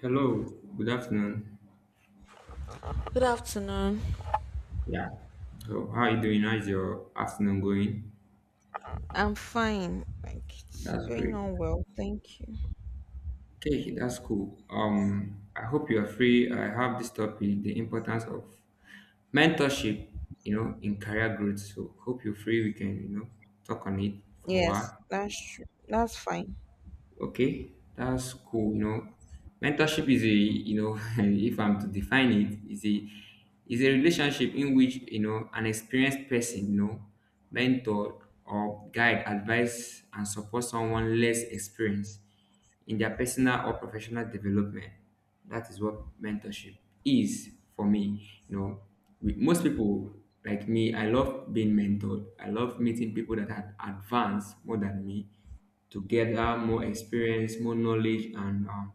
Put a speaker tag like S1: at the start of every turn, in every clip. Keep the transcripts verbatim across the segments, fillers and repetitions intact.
S1: Hello, good afternoon.
S2: Good afternoon.
S1: Yeah. So, how are you doing? How's your afternoon going?
S2: I'm fine. Like it's
S1: That's
S2: going
S1: great.
S2: on well, thank you.
S1: Okay, that's cool. Um, I hope you are free. I have this topic, the importance of mentorship, you know, in career growth. So, hope you're free. We can, you know, talk on it for a
S2: Yes,
S1: while.
S2: that's true. That's fine.
S1: Okay, that's cool. You know, mentorship is a you know if I'm to define it is a is a relationship in which you know an experienced person you know mentor or guide advise and support someone less experienced in their personal or professional development. That is what mentorship is for me. You know, with most people like me, I love being mentored. I love meeting people that are advanced more than me to gather more experience, more knowledge, and um,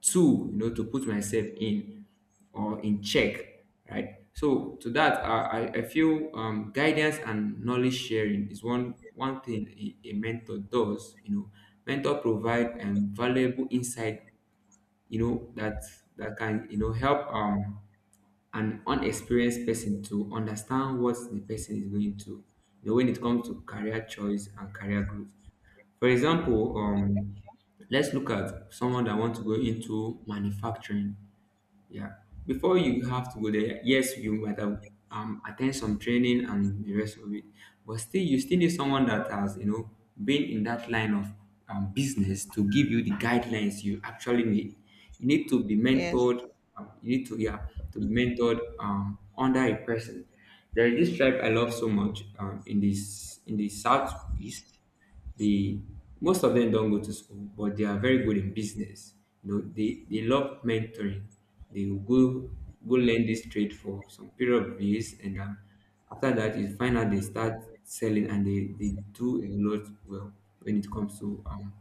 S1: tool, you know, to put myself in or in check, right? So to that i, I I feel, um, guidance and knowledge sharing is one one thing a, a mentor does, you know, mentor provide um, valuable insight, you know, that that can, you know, help um, an unexperienced person to understand what the person is going to, you know, when it comes to career choice and career growth. For example, um, let's look at someone that wants to go into manufacturing. Yeah. Before you have to go there, yes, you might have um, attend some training and the rest of it, but still, you still need someone that has, you know, been in that line of um, business to give you the guidelines you actually need. You need to be
S2: Yes.
S1: mentored. Um, you need to yeah to be mentored um, under a person. There is this tribe I love so much um, in this in the southeast the most of them don't go to school, but they are very good in business. You know, they, they love mentoring. They will go go learn this trade for some period of years, and um, after that, you find out they start selling and they, they do a lot well when it comes to um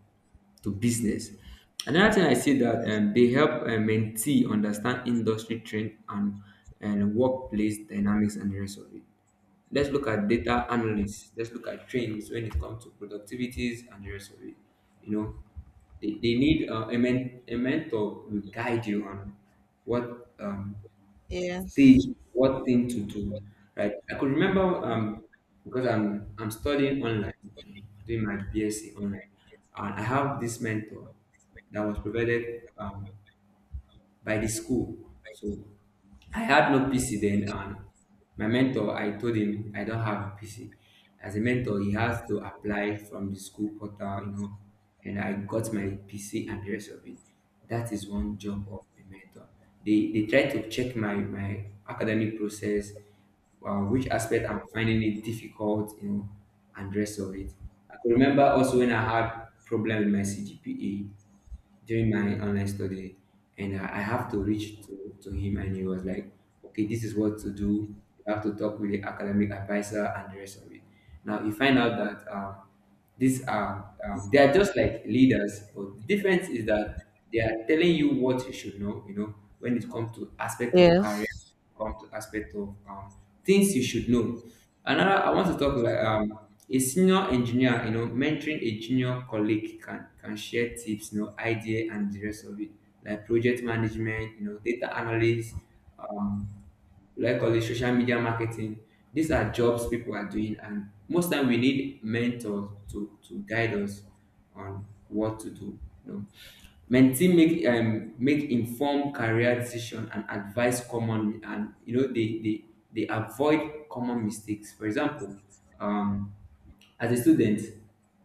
S1: to business. Another thing I see that um, they help uh, mentee understand industry trend and and workplace dynamics and the rest of it. Let's look at data analysts. Let's look at trends when it comes to productivities and the rest of it. You know, they, they need uh, a, men- a mentor will guide you on what um, stage,
S2: Yes.
S1: what thing to do. Right? I could remember um, because I'm I'm studying online, doing my BSc online, and I have this mentor that was provided. Um, by the school. So I had no P C then, and my mentor, I told him I don't have a P C. As a mentor, he has to apply from the school portal, you know, and I got my P C and the rest of it. That is one job of the mentor. They they try to check my my academic process, uh, which aspect I'm finding it difficult, you know, and rest of it. I could remember also when I had problem with my C G P A during my online study, and I, I have to reach to, to him and he was like, okay, this is what to do. You have to talk with the academic advisor and the rest of it. Now you find out that um, these are um, they are just like leaders, but the difference is that they are telling you what you should know, you know, when it comes to aspect of career,
S2: Yes.
S1: um, aspect of um, things you should know. Another, I want to talk like um, a senior engineer, you know, mentoring a junior colleague can can share tips, you know, idea and the rest of it, like project management, you know, data analysis, um, like all this social media marketing. These are jobs people are doing, and most time we need mentors to to guide us on what to do. You know, mentee make um make informed career decision and advise commonly, and you know they they they avoid common mistakes. For example, um as a student,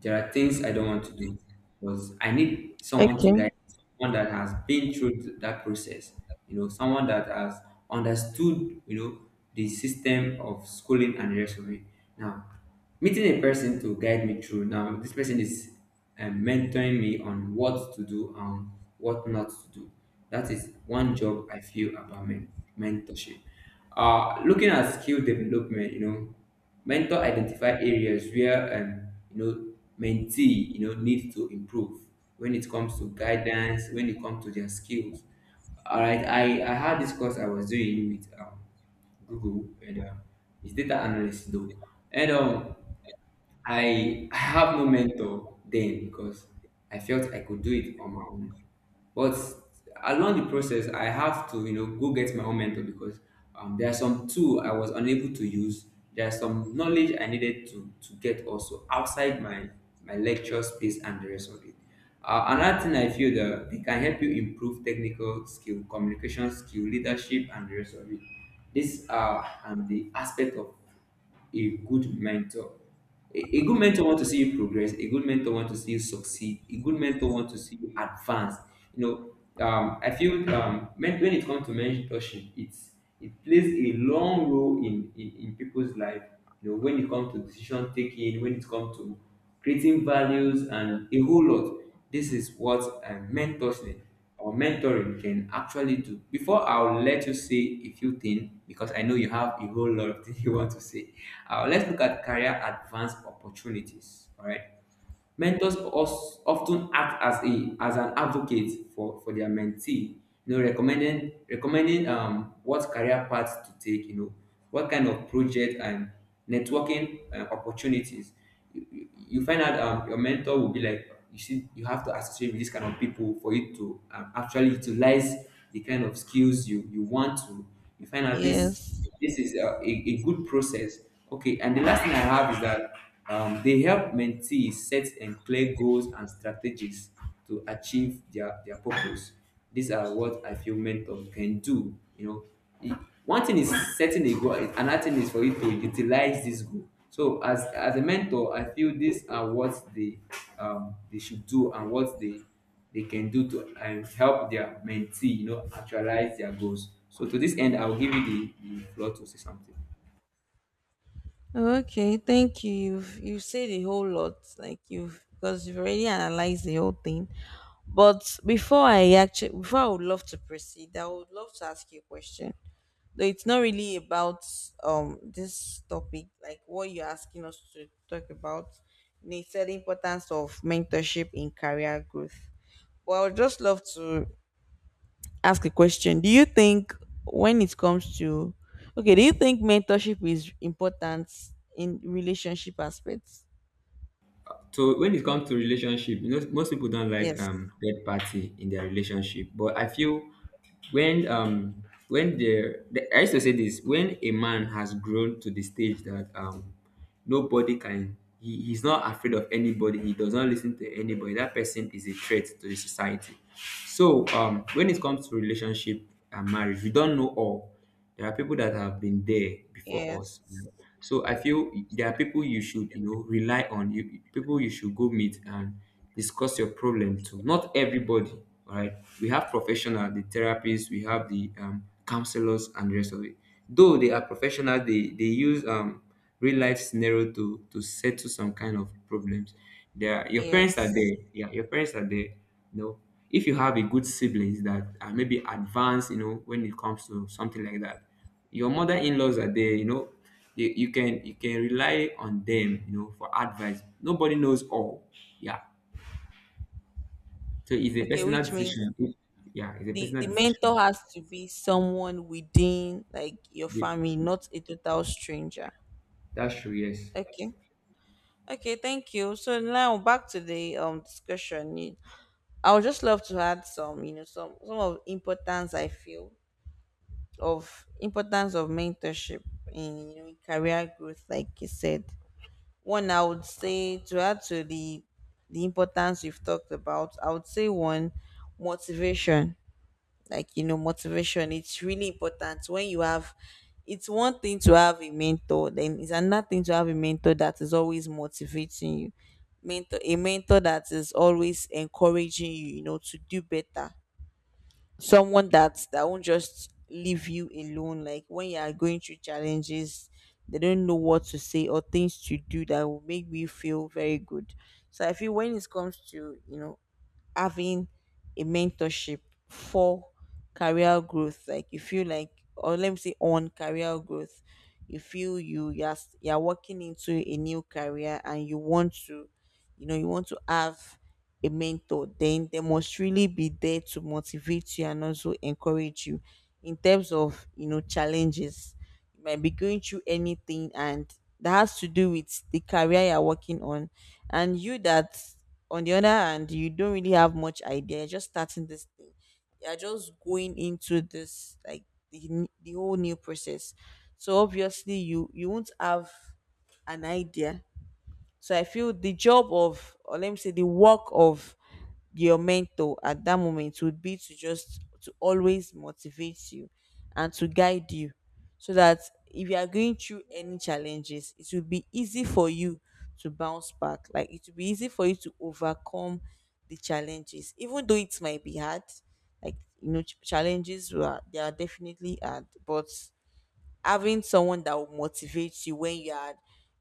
S1: there are things I don't want to do because I need someone to
S2: Okay.
S1: guide me, someone that has been through th- that process, you know, someone that has understood, you know, the system of schooling and the rest of it. Now, meeting a person to guide me through. Now, this person is um, mentoring me on what to do and what not to do. That is one job I feel about men- mentorship. Uh, looking at skill development, you know, mentor identify areas where um, you know mentee you know need to improve when it comes to guidance, when it comes to their skills. All right, I I had this course I was doing with um, Google, and uh, it's data analyst though, and um I I have no mentor then because I felt I could do it on my own. But along the process, I have to you know go get my own mentor because um, there are some tool I was unable to use. There are some knowledge I needed to to get also outside my my lecture space and the rest of it. Uh, another thing I feel that they can help you improve technical skill, communication skill, leadership, and the rest of it. These are um, the aspect of a good mentor, a, a good mentor want to see you progress, a good mentor want to see you succeed, a good mentor want to see you advance, you know, um, I feel um, men- when it comes to mentorship it's it plays a long role in, in in people's life, you know, when it comes to decision taking, when it comes to creating values and a whole lot. This is what um, mentorship or mentoring can actually do. Before I'll let you say a few things, because I know you have a whole lot of things you want to say. Uh, let's look at career advance opportunities. All right, mentors also of ten act as a as an advocate for for their mentee, you know, recommending recommending um what career path to take, you know, what kind of project and networking uh, opportunities. You, you you find out um, your mentor will be like, you see, you have to associate with this kind of people for you to um, actually utilize the kind of skills you you want to. You find out this
S2: Yes.
S1: this is a, a, a good process. Okay, and the last thing I have is that um, they help mentees set and clear goals and strategies to achieve their, their purpose. These are what I feel mentors can do, you know. E- one thing is setting a goal and another thing is for you to utilize this goal. So as as a mentor, I feel these are what they um, they should do and what they they can do to um, help their mentee, you know, actualize their goals. So to this end, I'll give you the, the floor to say something.
S2: Okay, thank you. You've you've said a whole lot. Like you've, because you've already analyzed the whole thing. But before I actually, before, I would love to proceed, I would love to ask you a question, though it's not really about um this topic, like what you're asking us to talk about, you know, it's the importance of mentorship in career growth, but I would just love to ask a question. Do you think when it comes to, okay, do you think mentorship is important in relationship aspects?
S1: So when it comes to relationship, you know, most people don't like
S2: Yes.
S1: um third party in their relationship. But I feel when um when the, the I used to say this, when a man has grown to the stage that um nobody can, he, he's not afraid of anybody, he does not listen to anybody, that person is a threat to the society. So um when it comes to relationship and marriage, we don't know all. There are people that have been there before us, you
S2: Yes.
S1: know. So I feel there are people you should, you know, rely on. You people you should go meet and discuss your problem to. Not everybody, all right? We have professional, the therapists, we have the um, counselors and the rest of it. Though they are professional, they they use um real life scenario to to settle some kind of problems. There, your parents are
S2: Yes.
S1: there. Yeah, your parents are there. You know, if you have a good siblings that are maybe advanced, you know, when it comes to something like that, your mother-in-laws are there. You know, you, you can you can rely on them. You know, for advice. Nobody knows all. Yeah, so it's a
S2: Okay,
S1: personal
S2: which means
S1: decision. Yeah, it's a
S2: the
S1: personal
S2: the
S1: decision.
S2: mentor has to be someone within like your
S1: Yeah,
S2: family, not a total stranger.
S1: that's true. Yes.
S2: Okay. Okay, thank you. So now back to the um discussion. You- I would just love to add some, you know, some some of importance I feel, of importance of mentorship in, you know, in career growth, like you said. One I would say, to add to the the importance you've talked about, I would say one: motivation. Like, you know, motivation, it's really important when you have, it's one thing to have a mentor, then it's another thing to have a mentor that is always motivating you. Mentor, a mentor that is always encouraging you, you know, to do better. Someone that that won't just leave you alone, like when you are going through challenges they don't know what to say or things to do that will make you feel very good. So I feel when it comes to, you know, having a mentorship for career growth, like, you feel like, or let me say, on career growth, you feel you, you're, s- you're walking into a new career and you want to, you know, you want to have a mentor, then they must really be there to motivate you and also encourage you, in terms of, you know, challenges you might be going through, anything and that has to do with the career you're working on, and you that, on the other hand, you don't really have much idea, you're just starting this thing, you're just going into this like, the, n- the whole new process. So obviously you you won't have an idea. So I feel the job of, or let me say, the work of your mentor at that moment would be to just to always motivate you and to guide you, so that if you are going through any challenges, it will be easy for you to bounce back, like, it will be easy for you to overcome the challenges, even though it might be hard. Like, you know, ch- challenges, were, they are definitely hard, but having someone that will motivate you when you are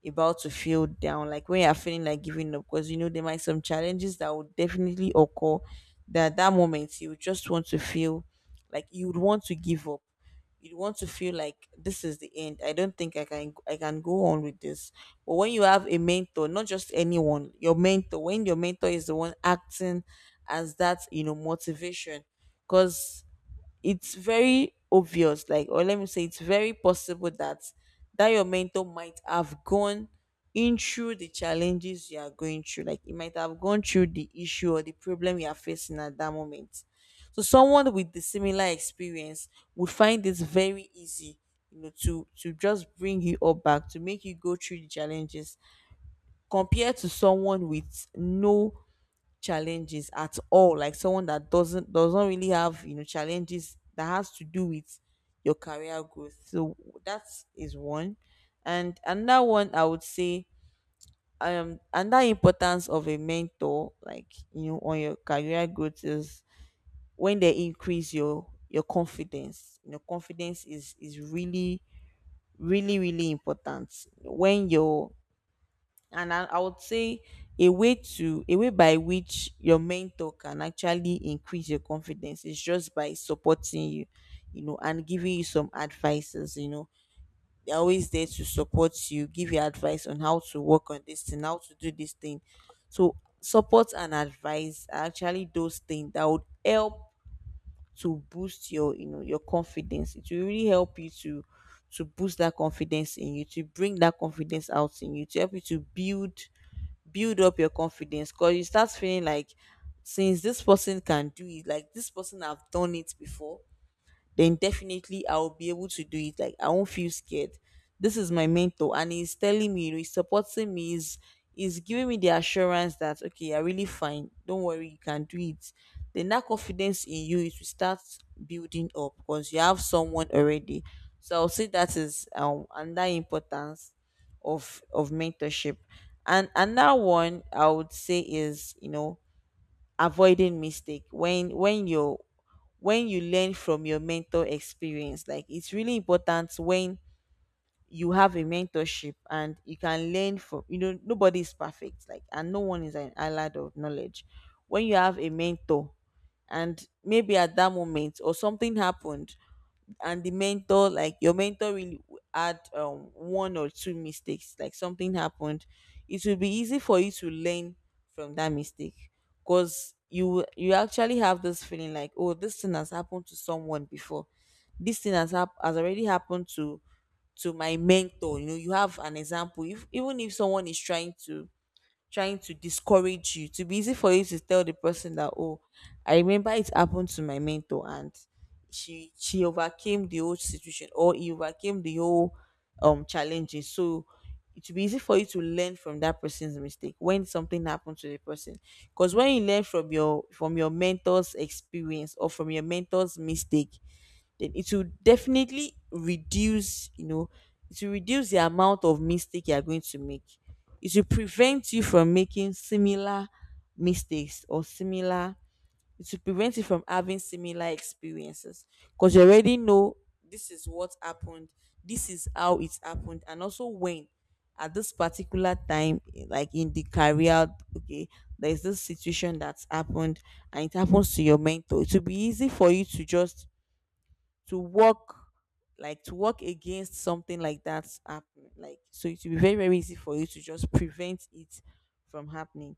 S2: about to feel down, like when you are feeling like giving up, because you know there might some challenges that will definitely occur. That at that moment you would just want to feel like you would want to give up. You'd want to feel like this is the end. I don't think I can I can go on with this. But when you have a mentor, not just anyone, your mentor, when your mentor is the one acting as that, you know, motivation, because it's very obvious like, or let me say, it's very possible that that your mentor might have gone in through the challenges you are going through, like it might have gone through the issue or the problem you are facing at that moment. So someone with the similar experience would find this very easy, you know, to to just bring you up back, to make you go through the challenges, compared to someone with no challenges at all, like someone that doesn't does not really have, you know, challenges that has to do with your career growth. So that is one. And another one I would say, um and importance of a mentor, like, you know, on your career growth is when they increase your your confidence. You know, confidence is is really really really important. When your, and I, I would say a way to, a way by which your mentor can actually increase your confidence is just by supporting you, you know, and giving you some advices. You know, they're always there to support you, give you advice on how to work on this thing, how to do this thing. So support and advice are actually those things that would help to boost your, you know, your confidence. It will really help you to to boost that confidence in you, to bring that confidence out in you, to help you to build build up your confidence, because you start feeling like, since this person can do it, like this person have done it before, then definitely I'll be able to do it. Like, I won't feel scared. This is my mentor, and he's telling me, you know, he's supporting me, he's, he's giving me the assurance that, okay, you're really fine, don't worry, you can do it. Then that confidence in you is, will start building up because you have someone already. So I'll say that is um under importance of of mentorship. And another one I would say is, you know, avoiding mistake when when you when you learn from your mentor experience. Like, it's really important when you have a mentorship and you can learn from, you know, nobody is perfect, like, and no one is an island of knowledge. When you have a mentor, and maybe at that moment or something happened, and the mentor, like your mentor really w- had um, one or two mistakes, like something happened, it will be easy for you to learn from that mistake, because you you actually have this feeling like, oh, this thing has happened to someone before. This thing has hap- has already happened to to my mentor. You know, you have an example, if, even if someone is trying to, trying to discourage you, to be easy for you to tell the person that, oh, I remember it happened to my mentor, and she she overcame the whole situation, or he overcame the whole um challenges. So it will be easy for you to learn from that person's mistake when something happened to the person. Because when you learn from your, from your mentor's experience, or from your mentor's mistake, then it will definitely reduce, you know, it will reduce the amount of mistake you are going to make. It will prevent you from making similar mistakes, or similar, it will prevent you from having similar experiences, because you already know this is what happened, this is how it happened. And also, when, at this particular time, like in the career, okay, there's this situation that's happened, and it happens to your mentor, it will be easy for you to just to work, like, to work against something like that happening. Like, so it will be very very easy for you to just prevent it from happening.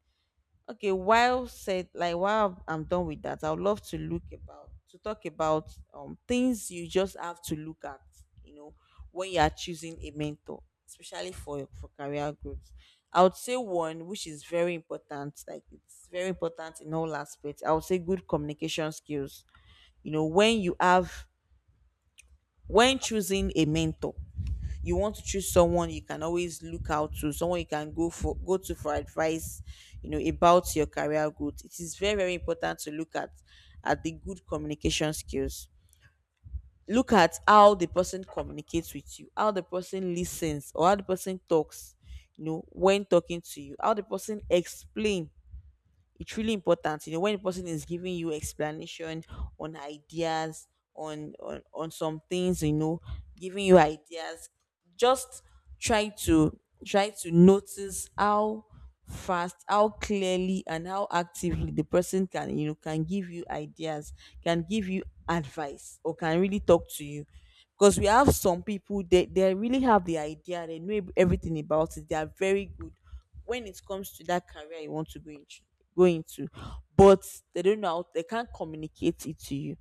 S2: Okay, while said, like, while I'm done with that, I would love to look about, to talk about um things you just have to look at, you know, when you are choosing a mentor, especially for for career growth. I would say one, which is very important, like, it's very important in all aspects, I would say good communication skills. You know, when you have, when choosing a mentor, you want to choose someone you can always look out to, someone you can go for, go to for advice, you know, about your career growth. It is very very important to look at at the good communication skills. Look at how the person communicates with you, how the person listens, or how the person talks, you know, when talking to you, how the person explain. It's really important, you know, when the person is giving you explanation on ideas, on on, on some things, you know, giving you ideas, just try to, try to notice how fast, how clearly and how actively the person can, you know, can give you ideas, can give you advice, or can really talk to you. Because we have some people, they, they really have the idea, they know everything about it, they are very good when it comes to that career you want to go into go into. But they don't know how, they can't communicate it to you.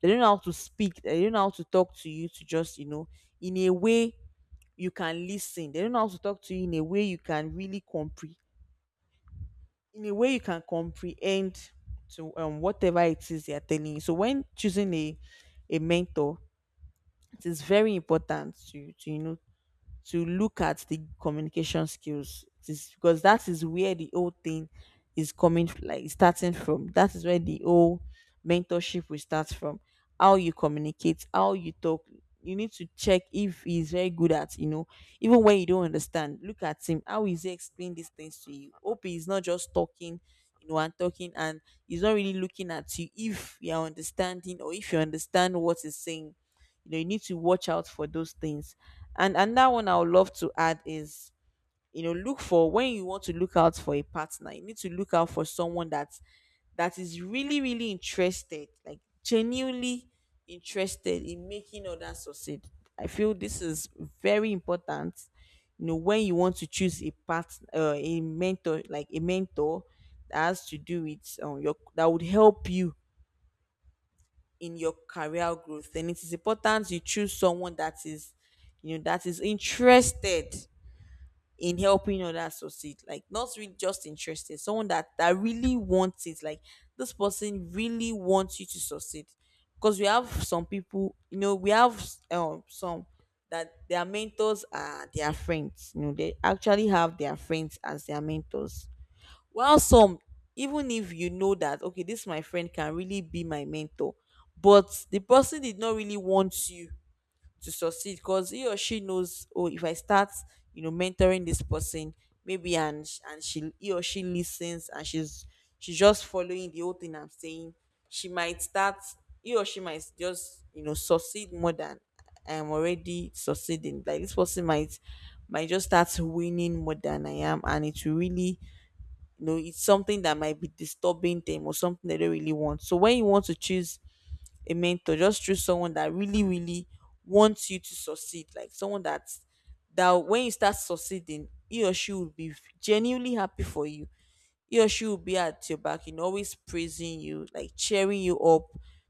S2: They don't know how to speak, they don't know how to talk to you, to just, you know, in a way you can listen, they don't know how to talk to you in a way you can really comprehend, in a way you can comprehend to, um whatever it is they are telling you. So when choosing a a mentor, it is very important to to you know, to look at the communication skills. It is because that is where the whole thing is coming, like starting from that is where the whole mentorship will start from. How you communicate, how you talk. You need to check if he's very good at you know even when you don't understand. Look at him, how is he explain these things to you. Hope he's not just talking you know and talking and he's not really looking at you if you're understanding or if you understand what he's saying. You know you need to watch out for those things. And another one I would love to add is, you know look for, when you want to look out for a partner, you need to look out for someone that that is really, really interested, like genuinely interested in making others succeed. I feel this is very important. You know, when you want to choose a part uh, a mentor, like a mentor that has to do with um, your, that would help you in your career growth, then it is important you choose someone that is, you know that is interested in helping others succeed. Like not really just interested, someone that that really wants it. Like this person really wants you to succeed. Because we have some people, you know, we have um some that their mentors are their friends. You know, they actually have their friends as their mentors. While some, even if you know that, okay, this my friend can really be my mentor, but the person did not really want you to succeed, because he or she knows, oh, if I start, you know, mentoring this person, maybe, and sh- and she, he or she listens and she's she's just following the whole thing I'm saying, she might start he or she might just, you know, succeed more than I am already succeeding. Like this person might might just start winning more than I am, and it will really, you know, it's something that might be disturbing them, or something they don't really want. So when you want to choose a mentor, just choose someone that really, really wants you to succeed. Like someone that's, that when you start succeeding, he or she will be genuinely happy for you. He or she will be at your back, you know, always praising you, like cheering you up.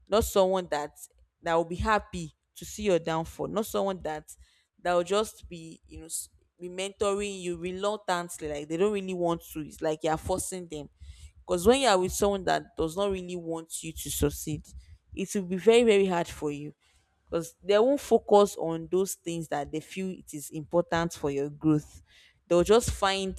S2: Not someone that that will be happy to see your downfall. Not someone that that will just be, you know, s- be mentoring you reluctantly, like they don't really want to. It's like you are forcing them. Because when you are with someone that does not really want you to succeed, it will be very, very hard for you, because they won't focus on those things that they feel it is important for your growth. They'll just find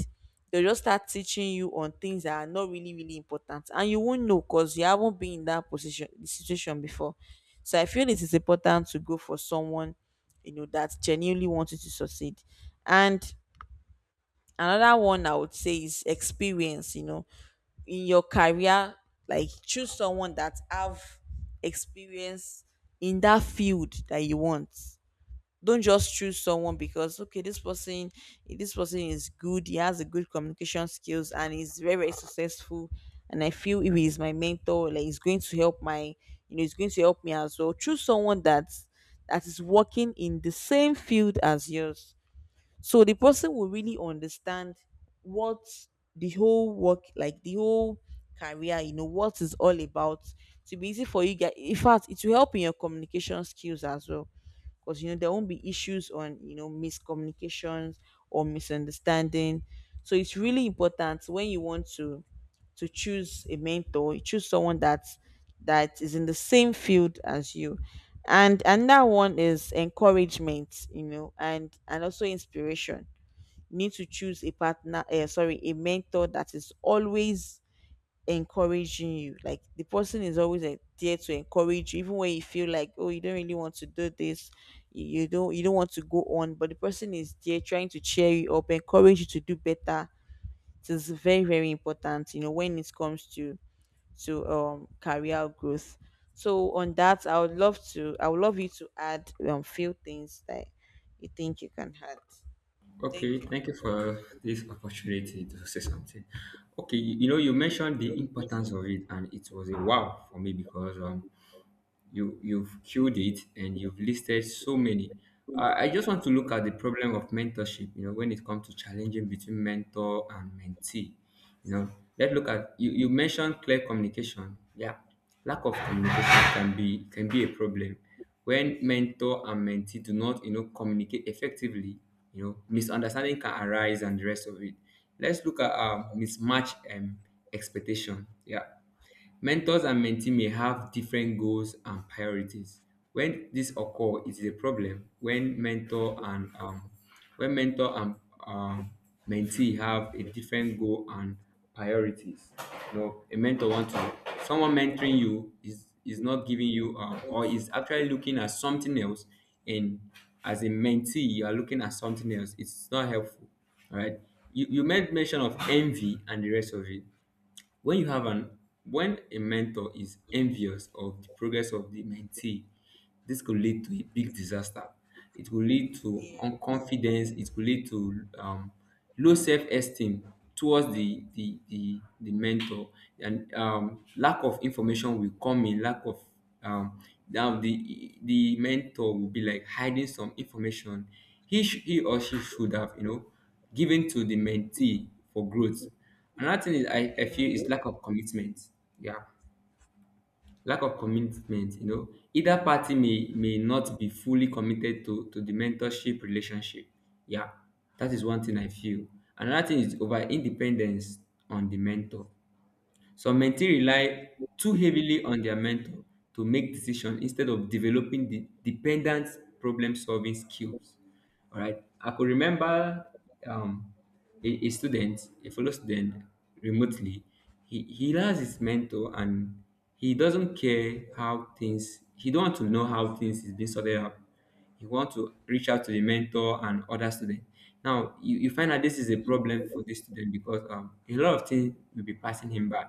S2: they'll just start teaching you on things that are not really, really important, and you won't know because you haven't been in that position, situation before. So I feel it is important to go for someone, you know, that genuinely wants you to succeed. And another one I would say is experience. You know, in your career, like choose someone that have experience in that field that you want. Don't just choose someone because, okay, this person this person is good, he has a good communication skills and he's very, very successful, and I feel if he's my mentor, like he's going to help my, you know, he's going to help me as well. Choose someone that that is working in the same field as yours, so the person will really understand what the whole work, like the whole career, you know, what is all about. To be easy for you guys, in fact, it will help in your communication skills as well, because, you know, there won't be issues on, you know, miscommunications or misunderstanding. So it's really important when you want to to choose a mentor, you choose someone that that is in the same field as you. And another one is encouragement, you know, and and also inspiration. You need to choose a partner uh, sorry a mentor that is always encouraging you. Like the person is always eh, there to encourage you, even when you feel like, oh, you don't really want to do this, you you don't, you don't want to go on, but the person is there trying to cheer you up, encourage you to do better. It is very, very important, you know, when it comes to to um career growth. So on that, I would love to, I would love you to add um few things that you think you can add. Thank
S1: Okay,
S2: you.
S1: thank you for this opportunity to say something. Okay, you you know, you mentioned the importance of it, and it was a wow for me because um, you you've killed it and you've listed so many. I, I just want to look at the problem of mentorship, you know, when it comes to challenging between mentor and mentee. You know, let's look at, you, you mentioned clear communication, yeah. Lack of communication can be can be a problem. When mentor and mentee do not, you know, communicate effectively, you know, misunderstanding can arise and the rest of it. Let's look at um, mismatch, um, expectation, yeah. Mentors and mentee may have different goals and priorities. When this occur, it is a problem when mentor and um, when mentor and um, mentee have a different goal and priorities. You know, a mentor wants to, someone mentoring you is is not giving you, um, or is actually looking at something else, and as a mentee you are looking at something else, it's not helpful. All right. you, you made mention of envy and the rest of it. When you have an when a mentor is envious of the progress of the mentee, this could lead to a big disaster. It will lead to
S2: Yeah.
S1: unconfidence, it could lead to, um, low self-esteem towards the the the, the mentor. And um, lack of information will come in, lack of, um, now the the mentor will be like hiding some information he sh- he or she should have, you know, given to the mentee for growth. Another thing is I, I
S2: Yeah.
S1: feel is lack of commitment. Yeah. Lack of commitment, you know. Either party may may not be fully committed to, to the mentorship relationship. Yeah. That is one thing I feel. Another thing is over independence on the mentor. Some mentee rely too heavily on their mentor to make decisions instead of developing the dependent problem solving skills. All right. I could remember, um, a, a student, a fellow student remotely, he, he has his mentor and he doesn't care how things, he don't want to know how things is being sorted out. He want to reach out to the mentor and other students. Now, you, you find out this is a problem for this student because um, a lot of things will be passing him by,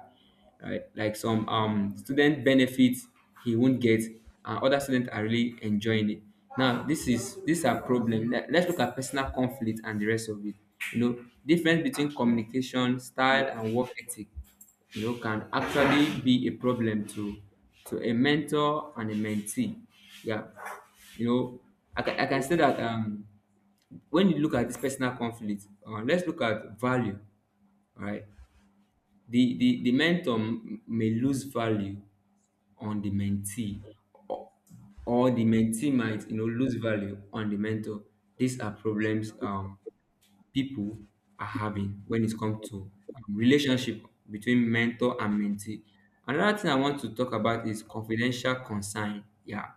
S1: right? Like some um student benefits he won't get, and other students are really enjoying it. Now, this is this are problem. Let- Let's look at personal conflict and the rest of it. You know, difference between communication style and work ethic, you know, can actually be a problem to to a mentor and a mentee. Yeah, you know, I can, I can say that um when you look at this personal conflict, uh, let's look at value, all right? the the the mentor m- may lose value on the mentee, or, or the mentee might, you know, lose value on the mentor. These are problems um people are having when it comes to um, relationship between mentor and mentee. Another thing I want to talk about is confidential concern. Yeah,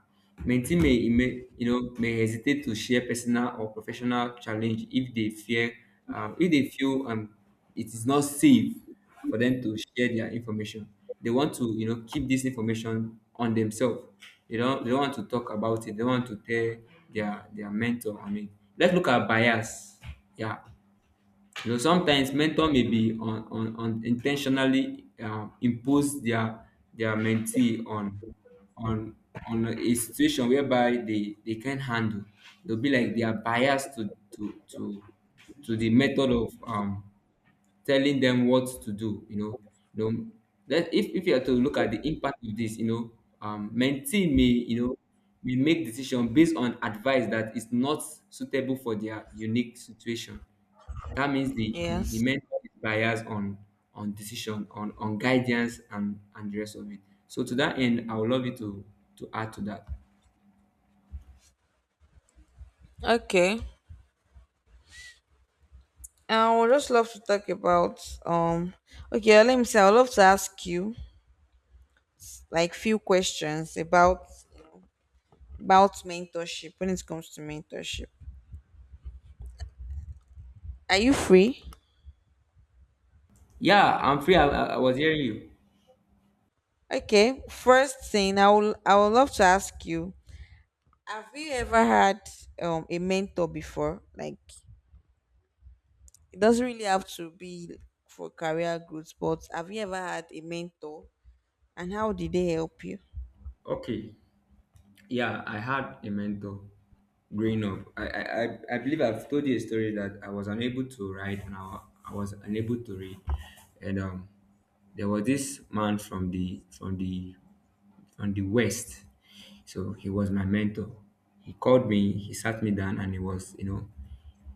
S1: mentee may, may, you know, may hesitate to share personal or professional challenge if they fear, um, if they feel um, it is not safe for them to share their information. They want to, you know, keep this information on themselves. They don't they don't want to talk about it. They don't want to tell their their mentor. I mean, let's look at bias. Yeah, you know, sometimes mentor may be on, on, on intentionally, um, impose their their mentee on on on a situation whereby they, they can't handle. They'll be like they are biased to to to to the method of, um, telling them what to do. You know, you know that if, if you are to look at the impact of this, you know, um, mentee may, you know, may make decision based on advice that is not suitable for their unique situation. That means the, the, the
S2: Yes.
S1: mentor is biased on on decision, on, on guidance and, and the rest of it. So to that end, I would love you to to add to that.
S2: Okay. I would just love to talk about um okay, let me say I would love to ask you like few questions about about mentorship, when it comes to mentorship. Are you free?
S1: Yeah, I'm free. I, I I was hearing you.
S2: Okay. First thing I will, I would love to ask you, have you ever had um a mentor before? Like it doesn't really have to be for career growth, but have you ever had a mentor, and how did they help you?
S1: Okay. Yeah, I had a mentor growing up. I, I, I I believe I've told you a story that I was unable to write and I, I was unable to read. And um, there was this man from the from the from the west. So he was my mentor. He called me, he sat me down, and he was, you know,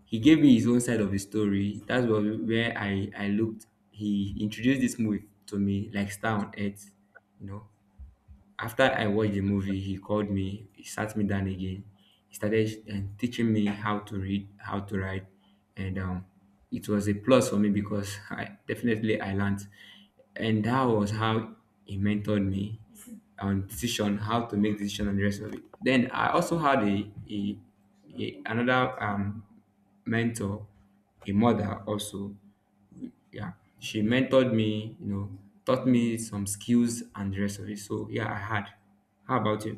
S1: he gave me his own side of the story. That's what, where I I looked. He introduced this movie to me, like Star on Earth, you know. After I watched the movie, he called me, he sat me down again. He started um, teaching me how to read, how to write, and um, it was a plus for me because I definitely I learned, and that was how he mentored me on decision, how to make decision and the rest of it. Then I also had a, a, a another um, mentor, a mother also, yeah, she mentored me, you know, taught me some skills and the rest of it. So yeah, I had. How about you?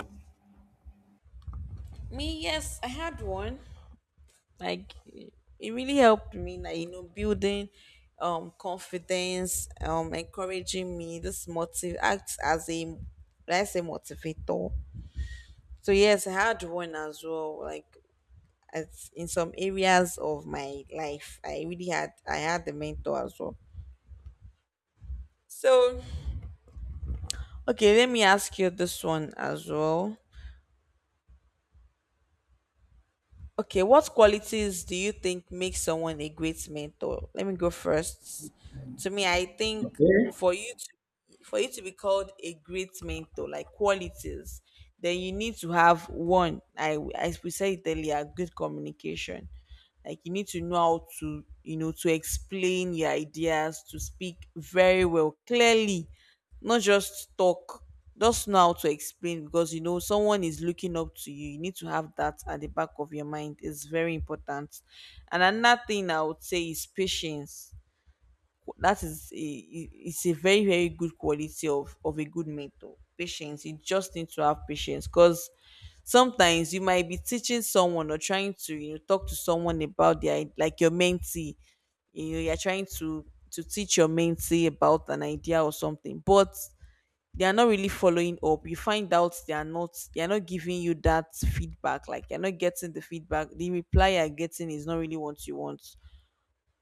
S2: Me, yes, I had one. Like it it really helped me, like, you know, building um confidence, um encouraging me. This motive acts as a, let's say, motivator. So yes, I had one as well. Like as in some areas of my life, i really had I had the mentor as well. So okay, let me ask you this one as well. Okay, what qualities do you think make someone a great mentor? Let me go first. To me, I think
S1: Yeah.
S2: for you to, for you to be called a great mentor, like qualities, then you need to have one. I I we said it earlier, good communication. Like you need to know how to, you know, to explain your ideas, to speak very well, clearly, not just talk. Just know how to explain, because you know someone is looking up to you, you need to have that at the back of your mind. It's very important. And another thing I would say is patience. That is a, it's a very, very good quality of of a good mentor. Patience, you just need to have patience, because sometimes you might be teaching someone or trying to, you know, talk to someone about their, like your mentee, you know, you're trying to to teach your mentee about an idea or something, but they are not really following up. You find out they are not they are not giving you that feedback. Like you're not getting the feedback, the reply you're getting is not really what you want.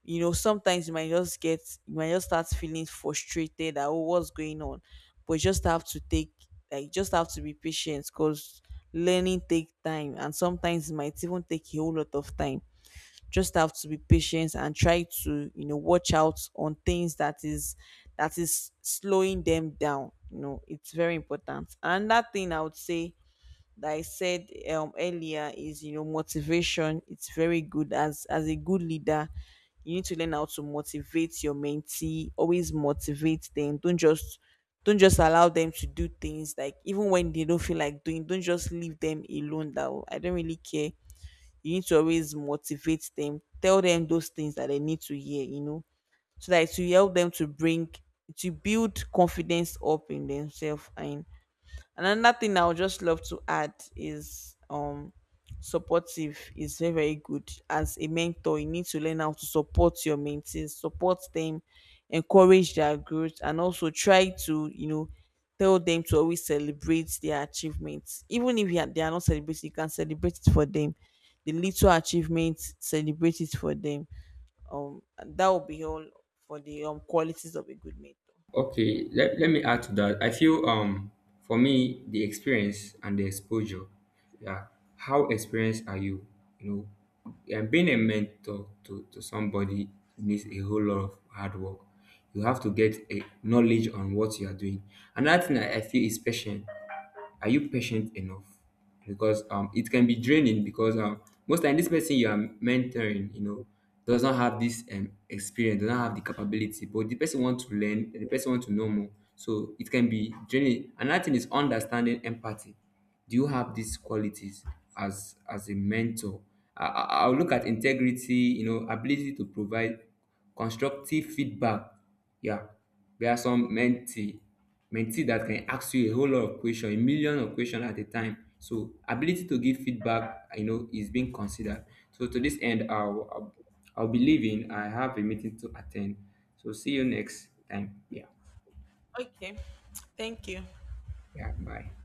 S2: You know sometimes you might just get you might just start feeling frustrated, that oh, what's going on. But you just have to take, like just have to be patient, because learning take time, and sometimes it might even take a whole lot of time. Just have to be patient and try to, you know, watch out on things that is that is slowing them down. You know, it's very important. Another thing I would say, that I said um earlier, is, you know, motivation. It's very good as as a good leader. You need to learn how to motivate your mentee, always motivate them. Don't just don't just allow them to do things, like even when they don't feel like doing, don't just leave them alone, that "Oh, I don't really care." You need to always motivate them, tell them those things that they need to hear, you know, so that it will help them to bring, to build confidence up in themselves. and and another thing I would just love to add is um supportive is very, very good. As a mentor, you need to learn how to support your mentees, support them, encourage their growth, and also try to, you know, tell them to always celebrate their achievements. Even if you are, they are not celebrating, you can celebrate it for them. The little achievements, celebrate it for them. Um, and that will be all for the um qualities of a good mentor.
S1: Okay, let, let me add to that. I feel um for me the experience and the exposure. Yeah. How experienced are you? You know, and being a mentor to, to somebody needs a whole lot of hard work. You have to get a knowledge on what you are doing. Another thing I, I feel is patience. Are you patient enough? Because um, it can be draining because um, most time this person you are mentoring, you know, does not have this um, experience, does not have the capability, but the person want to learn, the person want to know more. So it can be draining. Another thing is understanding empathy. Do you have these qualities as as a mentor? I, I- I'll look at integrity, you know, ability to provide constructive feedback, yeah. There are some mentee mentee that can ask you a whole lot of question, a million of question at a time, so ability to give feedback, you know, is being considered. So to this end, i'll i'll, I'll be leaving, I have a meeting to attend, so see you next time, yeah.
S2: Okay, thank you.
S1: Yeah, bye.